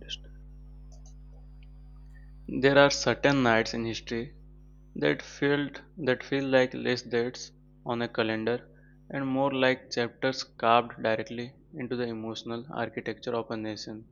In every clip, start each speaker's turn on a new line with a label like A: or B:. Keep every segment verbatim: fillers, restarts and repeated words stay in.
A: Rest. There are certain nights in history that felt that feel like less dates on a calendar and more like chapters carved directly into the emotional architecture of a nation.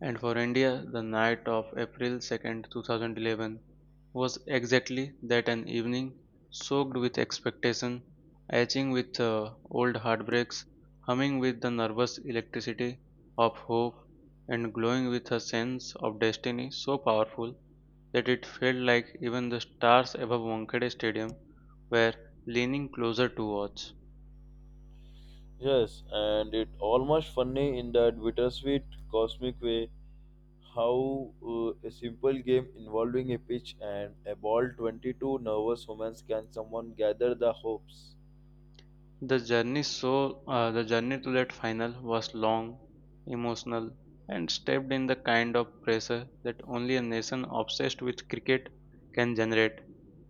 A: And for India, the night of April second, two thousand eleven was exactly that an evening soaked with expectation, etching with uh, old heartbreaks, humming with the nervous electricity of hope, and glowing with a sense of destiny so powerful that it felt like even the stars above Wankhede Stadium were leaning closer to watch.
B: Yes, and it almost funny in that bittersweet cosmic way how uh, a simple game involving a pitch and a ball twenty-two nervous humans can someone gather the hopes.
A: The journey so uh, the journey to that final was long, emotional, and steeped in the kind of pressure that only a nation obsessed with cricket can generate.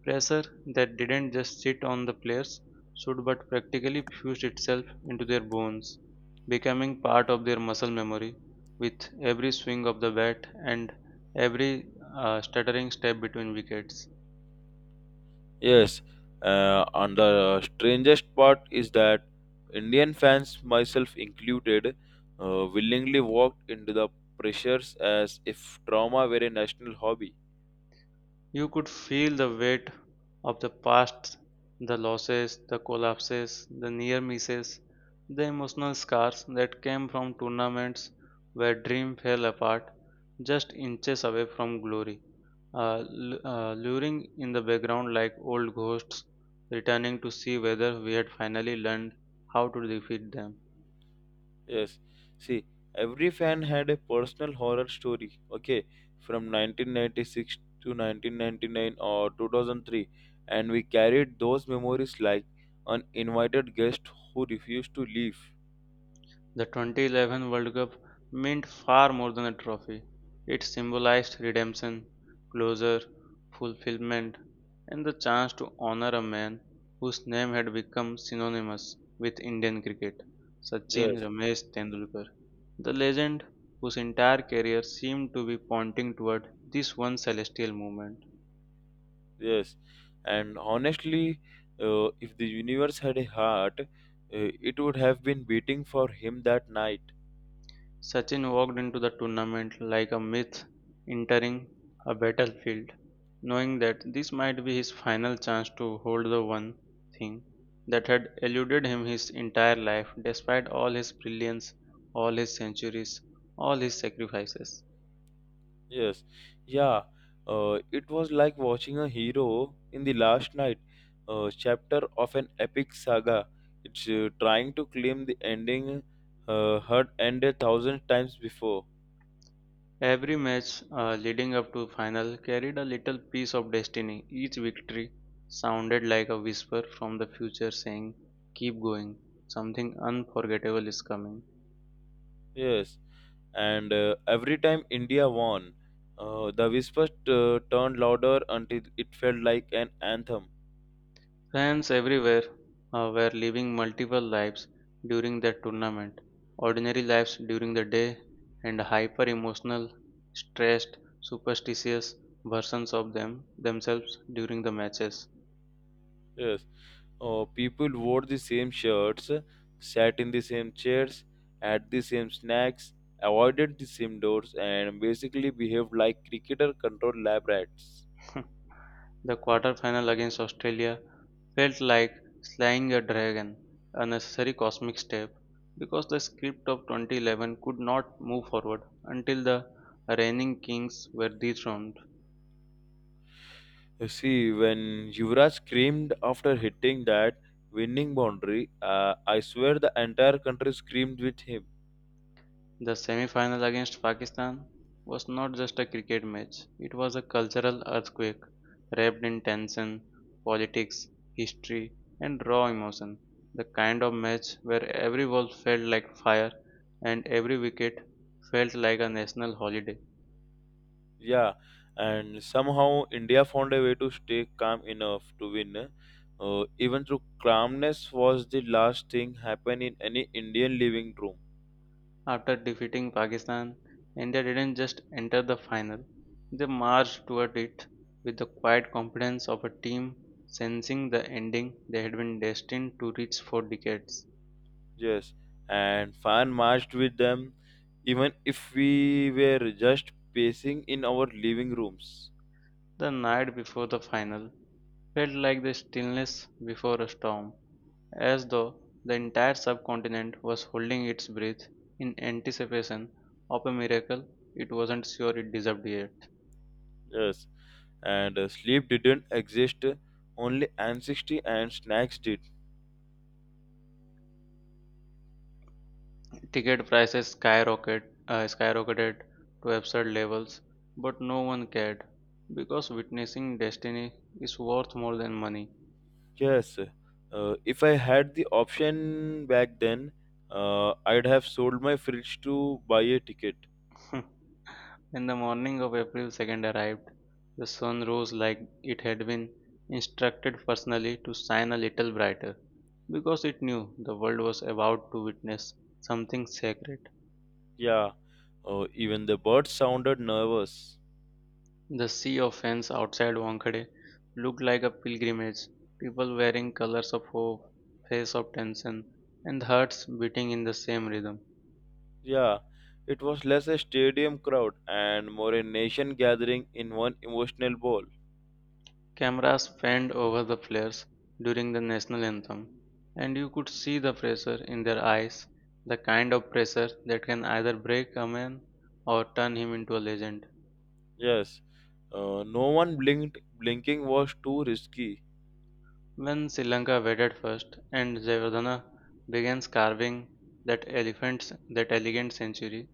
A: Pressure that didn't just sit on the players should but practically fused itself into their bones, becoming part of their muscle memory with every swing of the bat and every uh, stuttering step between wickets.
B: Yes, uh, and the strangest part is that Indian fans, myself included, uh, willingly walked into the pressures as if trauma were a national hobby.
A: You could feel the weight of the past, the losses, the collapses, the near misses, the emotional scars that came from tournaments where dream fell apart just inches away from glory, uh, lu- uh, luring in the background like old ghosts returning to see whether we had finally learned how to defeat them.
B: Yes. See, every fan had a personal horror story, okay, from nineteen ninety-six to nineteen ninety-nine or two thousand three, and we carried those memories like uninvited guests who refused to leave.
A: The twenty eleven World Cup meant far more than a trophy. It symbolized redemption, closure, fulfillment, and the chance to honor a man whose name had become synonymous with Indian cricket, Sachin
B: Yes,
A: Ramesh Tendulkar. The legend whose entire career seemed to be pointing toward this one celestial moment.
B: yes. And honestly, uh, if the universe had a heart, uh, it would have been beating for him that night.
A: Sachin walked into the tournament like a myth entering a battlefield, knowing that this might be his final chance to hold the one thing that had eluded him his entire life, despite all his brilliance, all his centuries, all his sacrifices.
B: Yes, yeah. Uh, it was like watching a hero in the last night uh, chapter of an epic saga. It's uh, trying to claim the ending uh, had ended thousand times before.
A: Every match uh, leading up to final carried a little piece of destiny. Each victory sounded like a whisper from the future saying, "Keep going, something unforgettable is coming."
B: Yes, and uh, every time India won, uh, the whispers uh, turned louder until it felt like an anthem.
A: Fans everywhere uh, were living multiple lives during that tournament ordinary lives during the day, and hyper emotional, stressed, superstitious versions of them themselves during the matches.
B: Yes. Oh, people wore the same shirts, sat in the same chairs, had the same snacks, avoided the same doors, and basically behaved like cricketer controlled lab rats.
A: The quarterfinal against Australia felt like slaying a dragon, a necessary cosmic step, because the script of twenty eleven could not move forward until the reigning kings were dethroned.
B: You see, when Yuvraj screamed after hitting that winning boundary, uh, I swear the entire country screamed with him.
A: The semi final against Pakistan was not just a cricket match, it was a cultural earthquake wrapped in tension, politics, history, and raw emotion. The kind of match where every ball felt like fire and every wicket felt like a national holiday.
B: Yeah, and somehow India found a way to stay calm enough to win. Uh, even though calmness was the last thing happened in any Indian living room.
A: After defeating Pakistan, India didn't just enter the final, they marched toward it with the quiet confidence of a team sensing the ending they had been destined to reach for decades.
B: Yes, and fan marched with them, even if we were just pacing in our living rooms.
A: The night before the final felt like the stillness before a storm, as though the entire subcontinent was holding its breath in anticipation of a miracle it wasn't sure it deserved yet.
B: Yes, and uh, sleep didn't exist. Only anxiety and snacks did.
A: Ticket prices skyrocket, uh, skyrocketed to absurd levels, but no one cared because witnessing destiny is worth more than money.
B: Yes, uh, if I had the option back then, uh, I'd have sold my fridge to buy a ticket.
A: When the morning of April second arrived, the sun rose like it had been instructed personally to shine a little brighter, because it knew the world was about to witness something sacred.
B: Yeah, uh, even the birds sounded nervous.
A: The sea of fans outside Wankhede looked like a pilgrimage, people wearing colors of hope, face of tension, and hearts beating in the same rhythm.
B: Yeah, it was less a stadium crowd and more a nation gathering in one emotional ball.
A: Cameras panned over the players during the national anthem, and you could see the pressure in their eyes, the kind of pressure that can either break a man or turn him into a legend.
B: Yes, uh, no one blinked. Blinking was too risky.
A: When Sri Lanka batted first and Jayawardena began carving that elephant's that elegant century,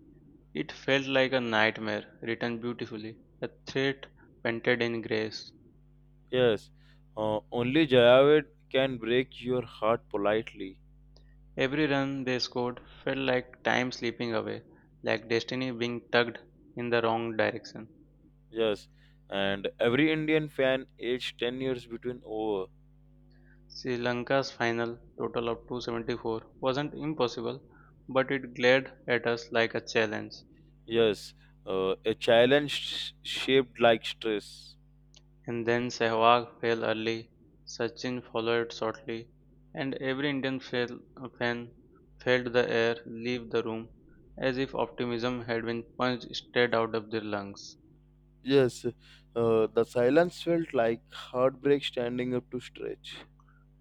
A: it felt like a nightmare written beautifully, a threat painted in grace.
B: Yes, uh, only Jayaved can break your heart politely.
A: Every run they scored felt like time slipping away, like destiny being tugged in the wrong direction.
B: Yes, and every Indian fan aged ten years between over.
A: Sri Lanka's final total of two hundred seventy-four wasn't impossible, but it glared at us like a challenge.
B: Yes, uh, a challenge sh- shaped like stress.
A: And then Sehwag fell early, Sachin followed shortly, and every Indian fell, fan felt the air leave the room as if optimism had been punched straight out of their lungs.
B: Yes, uh, the silence felt like heartbreak standing up to stretch.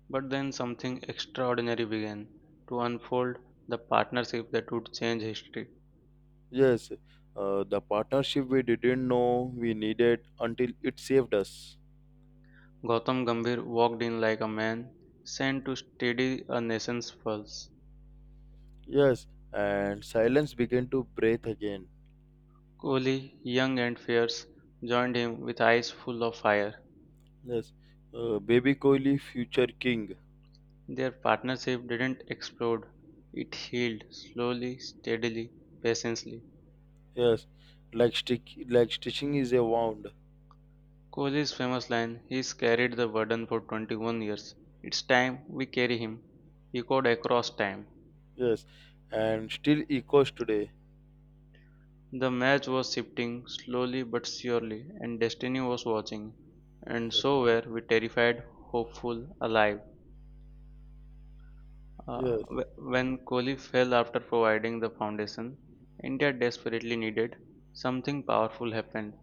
A: But then something extraordinary began to unfold the partnership that would change history.
B: Yes, uh, the partnership we didn't know we needed until it saved us.
A: Gautam Gambhir walked in like a man sent to steady a nation's pulse.
B: Yes, and silence began to breathe again.
A: Kohli, young and fierce, joined him with eyes full of fire.
B: Yes, uh, baby Kohli, future king.
A: Their partnership didn't explode, it healed slowly, steadily, patiently.
B: Yes, like, stick, like stitching is a wound.
A: Kohli's famous line, He's carried the burden for twenty-one years. It's time we carry him, echoed across time.
B: Yes, and still echoes today.
A: The match was shifting, slowly but surely, and Destiny was watching. And so were we terrified, hopeful, alive. Uh,
B: Yes,
A: wh- when Kohli fell after providing the foundation, India desperately needed something powerful happened.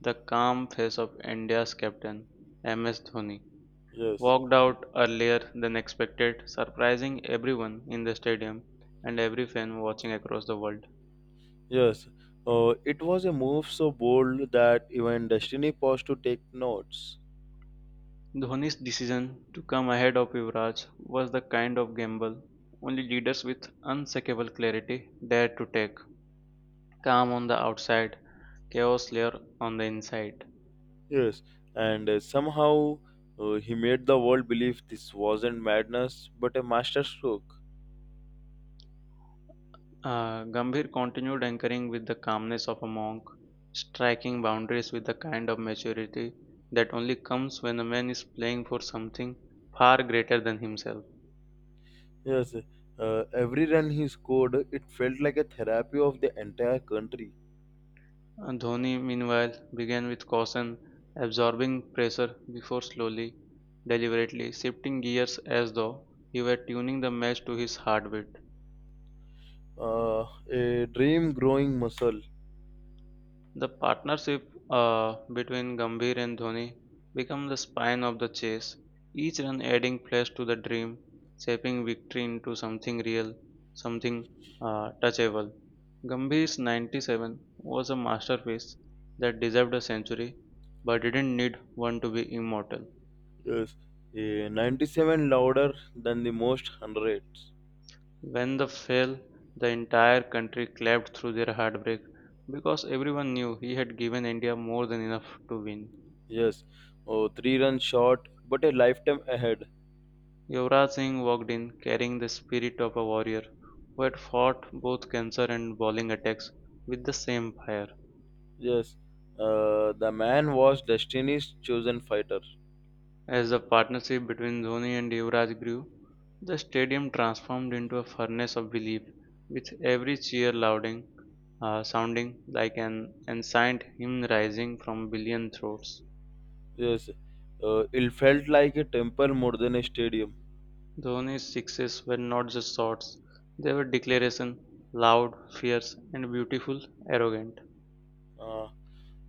A: The calm face of India's captain, M S Dhoni,
B: yes,
A: walked out earlier than expected, surprising everyone in the stadium and every fan watching across the world.
B: yes. Uh, it was a move so bold that even Destiny paused to take notes.
A: Dhoni's decision to come ahead of Yuvraj was the kind of gamble only leaders with unshakable clarity dared to take. Calm on the outside, chaos layer on the inside.
B: Yes, and uh, somehow uh, he made the world believe this wasn't madness but a masterstroke.
A: Uh, Gambhir continued anchoring with the calmness of a monk, striking boundaries with the kind of maturity that only comes when a man is playing for something far greater than himself.
B: Yes, uh, every run he scored, it felt like a therapy of the entire country.
A: And Dhoni, meanwhile, began with caution, absorbing pressure before slowly, deliberately shifting gears as though he were tuning the match to his heartbeat.
B: Uh, a dream growing muscle.
A: The partnership uh, between Gambhir and Dhoni became the spine of the chase, each run adding flesh to the dream, shaping victory into something real, something uh, touchable. Gambhir's ninety-seven was a masterpiece that deserved a century but didn't need one to be immortal.
B: Yes, a ninety-seven louder than the most hundreds.
A: When the fell, the entire country clapped through their heartbreak because everyone knew he had given India more than enough to win.
B: Yes, oh, three runs short, but a lifetime ahead.
A: Yuvraj Singh walked in carrying the spirit of a warrior who had fought both cancer and bowling attacks with the same fire.
B: Yes, uh, the man was destiny's chosen fighter.
A: As the partnership between Dhoni and Yuvraj grew, the stadium transformed into a furnace of belief, with every cheer louding, uh, sounding like an ancient hymn rising from billion throats.
B: Yes, uh, it felt like a temple more than a stadium.
A: Dhoni's sixes were not just shots, they were declarations, loud, fierce and beautiful, arrogant.
B: Uh,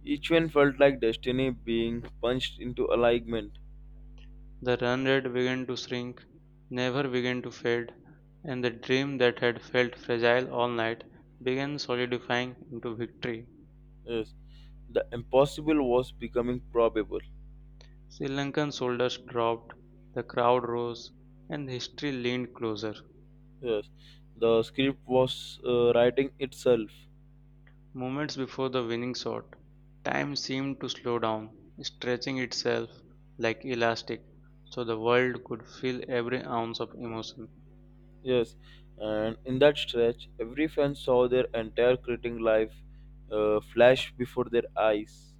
B: each one felt like destiny being punched into alignment.
A: The run rate began to shrink, never began to fade, and the dream that had felt fragile all night began solidifying into victory.
B: Yes, the impossible was becoming probable.
A: Sri Lankan soldiers dropped, the crowd rose, and history leaned closer.
B: Yes, the script was uh, writing itself.
A: Moments before the winning shot, time seemed to slow down, stretching itself like elastic so the world could feel every ounce of emotion.
B: Yes, and in that stretch, every fan saw their entire cricketing life uh, flash before their eyes.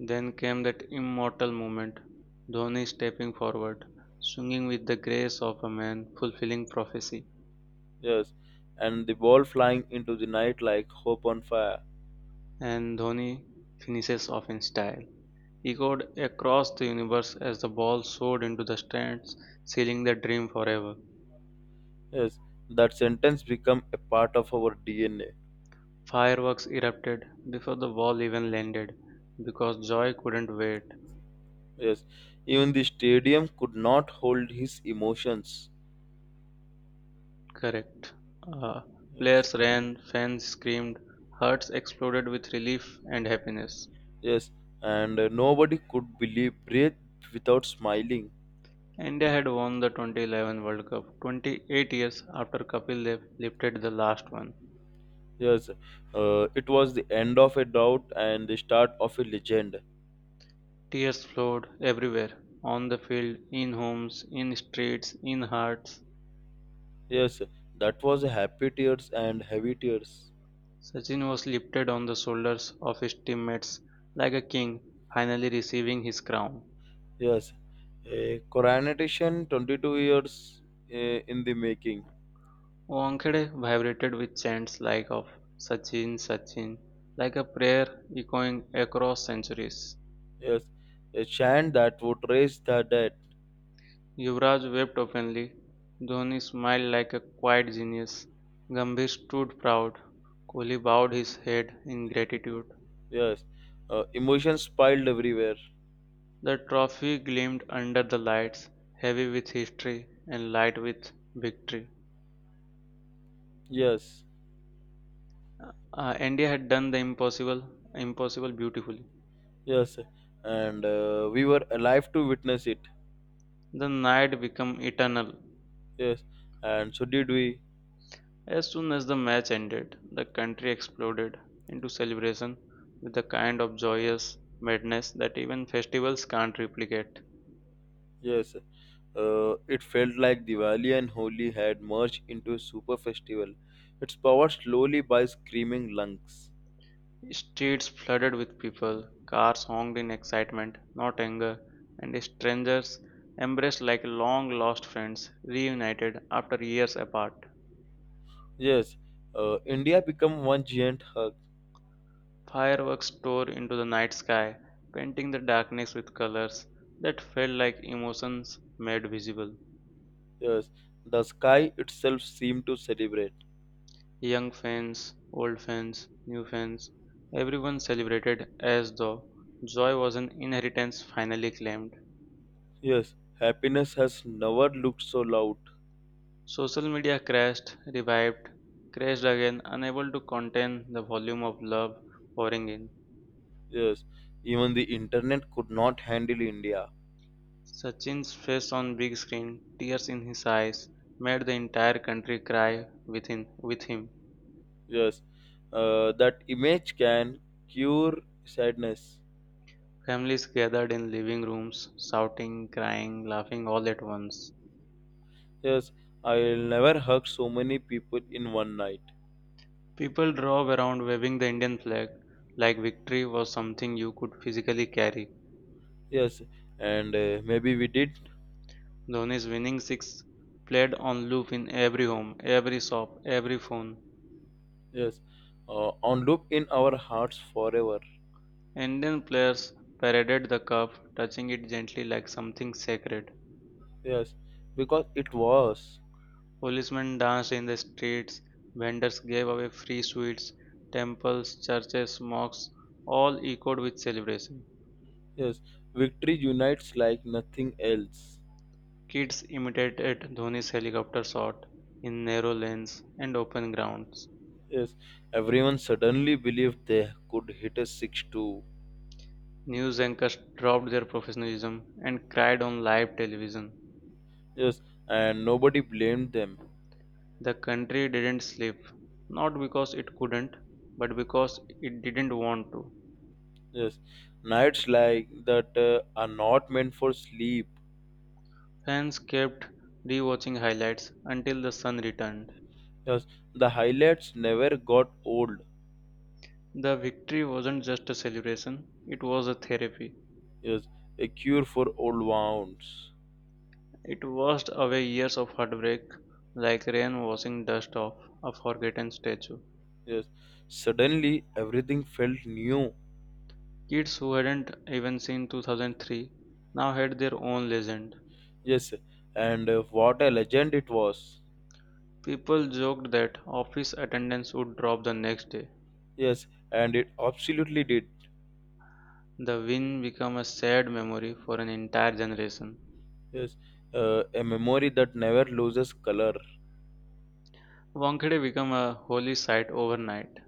A: Then came that immortal moment, Dhoni stepping forward, swinging with the grace of a man fulfilling prophecy,
B: Yes, and the ball flying into the night like hope on fire.
A: and Dhoni finishes off in style, echoed across the universe as the ball soared into the stands, sealing the dream forever.
B: Yes, that sentence became a part of our D N A.
A: Fireworks erupted before the ball even landed because joy couldn't wait.
B: Yes, even the stadium could not hold his emotions.
A: Correct. Uh,
B: Yes,
A: Players ran, fans screamed, hearts exploded with relief and happiness.
B: yes, and uh, nobody could believe breathe without smiling.
A: India had won the twenty eleven World Cup twenty-eight years after Kapil Dev lifted the last one.
B: Yes, uh, it was the end of a doubt and the start of a legend.
A: Tears flowed everywhere on the field, in homes, in streets, in hearts.
B: Yes, that was happy tears and heavy tears.
A: Sachin was lifted on the shoulders of his teammates like a king finally receiving his crown.
B: Yes, a coronation twenty-two years eh, in the making.
A: Wankhede vibrated with chants like of "Sachin, Sachin", like a prayer echoing across centuries.
B: Yes, a chant that would raise the dead.
A: Yuvraj wept openly. Dhoni smiled like a quiet genius. Gambhir stood proud. Kohli bowed his head in gratitude.
B: Yes, uh, emotions piled everywhere.
A: The trophy gleamed under the lights, heavy with history and light with victory.
B: Yes,
A: Uh, India had done the impossible, impossible beautifully.
B: yes, and uh, we were alive to witness it.
A: The night became eternal.
B: Yes, and so did we.
A: As soon as the match ended, the country exploded into celebration with a kind of joyous madness that even festivals can't replicate.
B: Yes, uh, it felt like Diwali and Holi had merged into a super festival. Its powered slowly by screaming lungs.
A: Streets flooded with people, cars honked in excitement, not anger, and strangers embraced like long lost friends reunited after years apart.
B: Yes, uh, India become one giant hug.
A: Fireworks tore into the night sky, painting the darkness with colors that felt like emotions made visible.
B: Yes, the sky itself seemed to celebrate.
A: Young fans, old fans, new fans, everyone celebrated as though joy was an inheritance finally claimed.
B: Yes, happiness has never looked so loud.
A: Social media crashed, revived, crashed again, unable to contain the volume of love pouring in.
B: Yes, even the internet could not handle India.
A: Sachin's face on big screen, tears in his eyes, made the entire country cry within with him.
B: Yes, uh, that image can cure sadness.
A: Families gathered in living rooms, shouting, crying, laughing all at once.
B: Yes, I'll never hug so many people in one night.
A: People drove around waving the Indian flag like victory was something you could physically carry.
B: Yes, and uh, maybe we did.
A: Dhoni's winning six played on loop in every home, every shop, every phone.
B: Yes, uh, on loop in our hearts forever.
A: Indian players paraded the cup, touching it gently like something sacred.
B: Yes, because it was.
A: Policemen danced in the streets, vendors gave away free sweets, temples, churches, mosques all echoed with celebration.
B: Yes, victory unites like nothing else.
A: Kids imitated Dhoni's helicopter shot in narrow lanes and open grounds.
B: Yes, everyone suddenly believed they could hit a six two.
A: News anchors dropped their professionalism and cried on live television.
B: Yes, and nobody blamed them.
A: The country didn't sleep, not because it couldn't, but because it didn't want to.
B: Yes, nights like that uh, are not meant for sleep.
A: Fans kept rewatching highlights until the sun returned.
B: Yes, the highlights never got old.
A: The victory wasn't just a celebration, it was a therapy.
B: Yes, a cure for old wounds.
A: It washed away years of heartbreak like rain washing dust off a forgotten statue.
B: Yes, suddenly everything felt new.
A: Kids who hadn't even seen two thousand three now had their own legend.
B: Yes, and uh, what a legend it was.
A: People joked that office attendance would drop the next day.
B: Yes, and it absolutely did.
A: The win became a sad memory for an entire generation.
B: Yes, uh, a memory that never loses color.
A: Wankhede became a holy site overnight.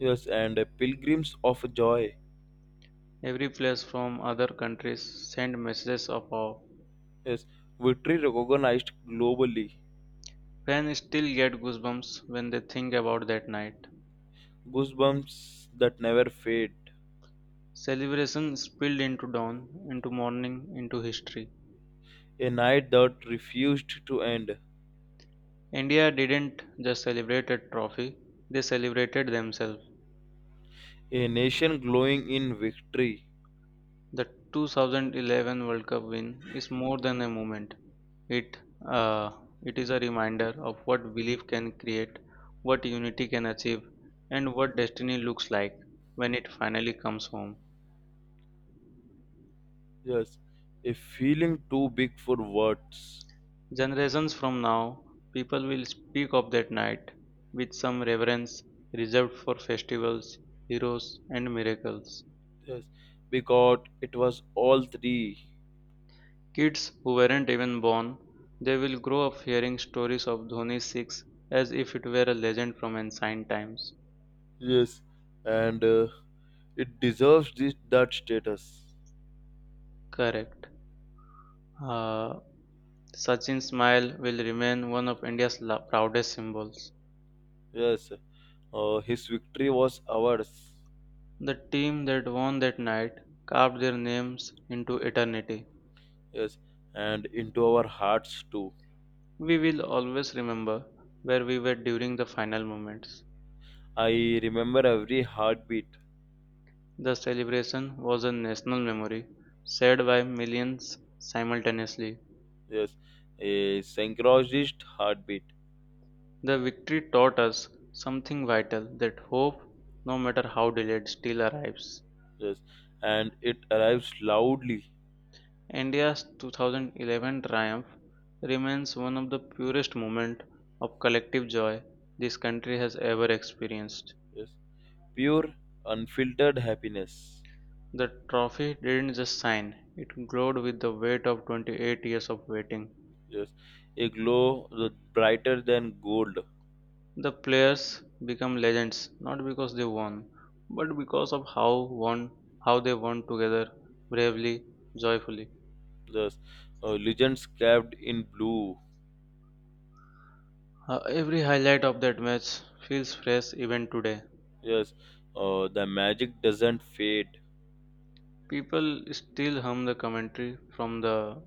B: Yes, and a pilgrims of joy.
A: Every place from other countries sent messages of awe.
B: Yes, victory recognized globally.
A: Fans still get goosebumps when they think about that night.
B: Goosebumps that never fade.
A: Celebration spilled into dawn, into morning, into history.
B: A night that refused to end.
A: India didn't just celebrate a trophy, they celebrated themselves.
B: A nation glowing in victory.
A: The two thousand eleven World Cup win is more than a moment. It uh, it is a reminder of what belief can create, what unity can achieve, and what destiny looks like when it finally comes home.
B: Yes, a feeling too big for words.
A: Generations from now, people will speak of that night with some reverence reserved for festivals, heroes, and miracles.
B: Yes, because it was all three.
A: Kids who weren't even born, they will grow up hearing stories of Dhoni's six as if it were a legend from ancient times.
B: Yes, and uh, it deserves this that status.
A: Correct. Uh, Sachin's smile will remain one of India's la- proudest symbols.
B: Yes, uh, his victory was ours.
A: The team that won that night carved their names into eternity.
B: Yes, and into our hearts too.
A: We will always remember where we were during the final moments.
B: I remember every heartbeat.
A: The celebration was a national memory, shared by millions simultaneously.
B: Yes, a synchronized heartbeat.
A: The victory taught us something vital that hope, no matter how delayed, still arrives.
B: Yes, and it arrives loudly.
A: India's twenty eleven triumph remains one of the purest moments of collective joy this country has ever experienced.
B: Yes, pure, unfiltered happiness.
A: The trophy didn't just shine, it glowed with the weight of twenty-eight years of waiting.
B: Yes, a glow that brighter than gold.
A: The players become legends not because they won, but because of how won how they won together bravely, joyfully.
B: Yes, uh, legends carved in blue.
A: Uh, every highlight of that match feels fresh even today.
B: Yes, uh, the magic doesn't fade.
A: People still hum the commentary from the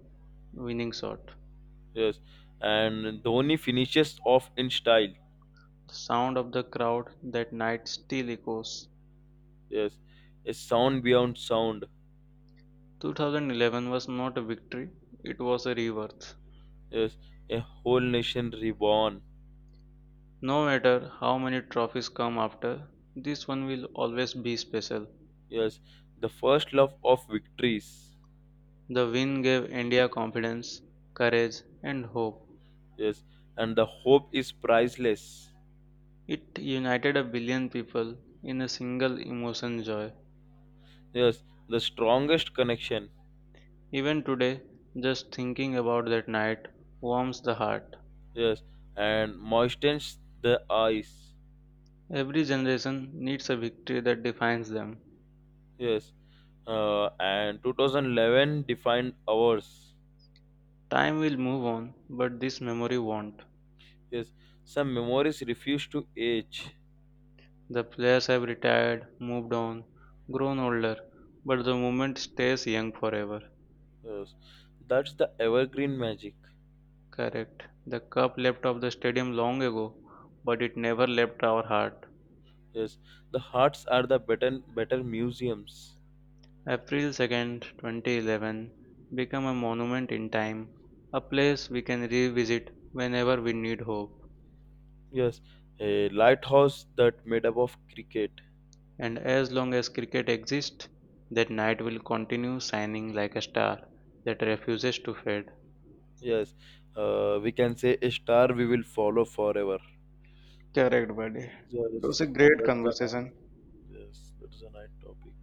A: winning shot.
B: Yes, and Dhoni finishes off in style.
A: The sound of the crowd that night still echoes.
B: Yes, a sound beyond sound.
A: twenty eleven was not a victory, it was a rebirth.
B: Yes, a whole nation reborn.
A: No matter how many trophies come after, this one will always be special.
B: Yes, the first love of victories.
A: The win gave India confidence, courage, and hope.
B: Yes, and the hope is priceless.
A: It united a billion people in a single emotion joy.
B: Yes, the strongest connection.
A: Even today, just thinking about that night warms the heart.
B: Yes, and moistens the eyes.
A: Every generation needs a victory that defines them.
B: Yes, uh, and two thousand eleven defined ours.
A: Time will move on, but this memory won't.
B: Yes, some memories refuse to age.
A: The players have retired, moved on, grown older, but the moment stays young forever.
B: Yes, that's the evergreen magic.
A: Correct. The cup left off the stadium long ago, but it never left our heart.
B: Yes, the huts are the better better museums.
A: April second, twenty eleven become a monument in time, a place we can revisit whenever we need hope.
B: Yes, a lighthouse that made up of cricket.
A: And as long as cricket exists, that night will continue shining like a star that refuses to fade.
B: Yes, uh, we can say a star we will follow forever.
A: Correct, buddy. It
B: Yes,
A: was a great
B: that's the night.
A: conversation.
B: Yes, that's the night topic.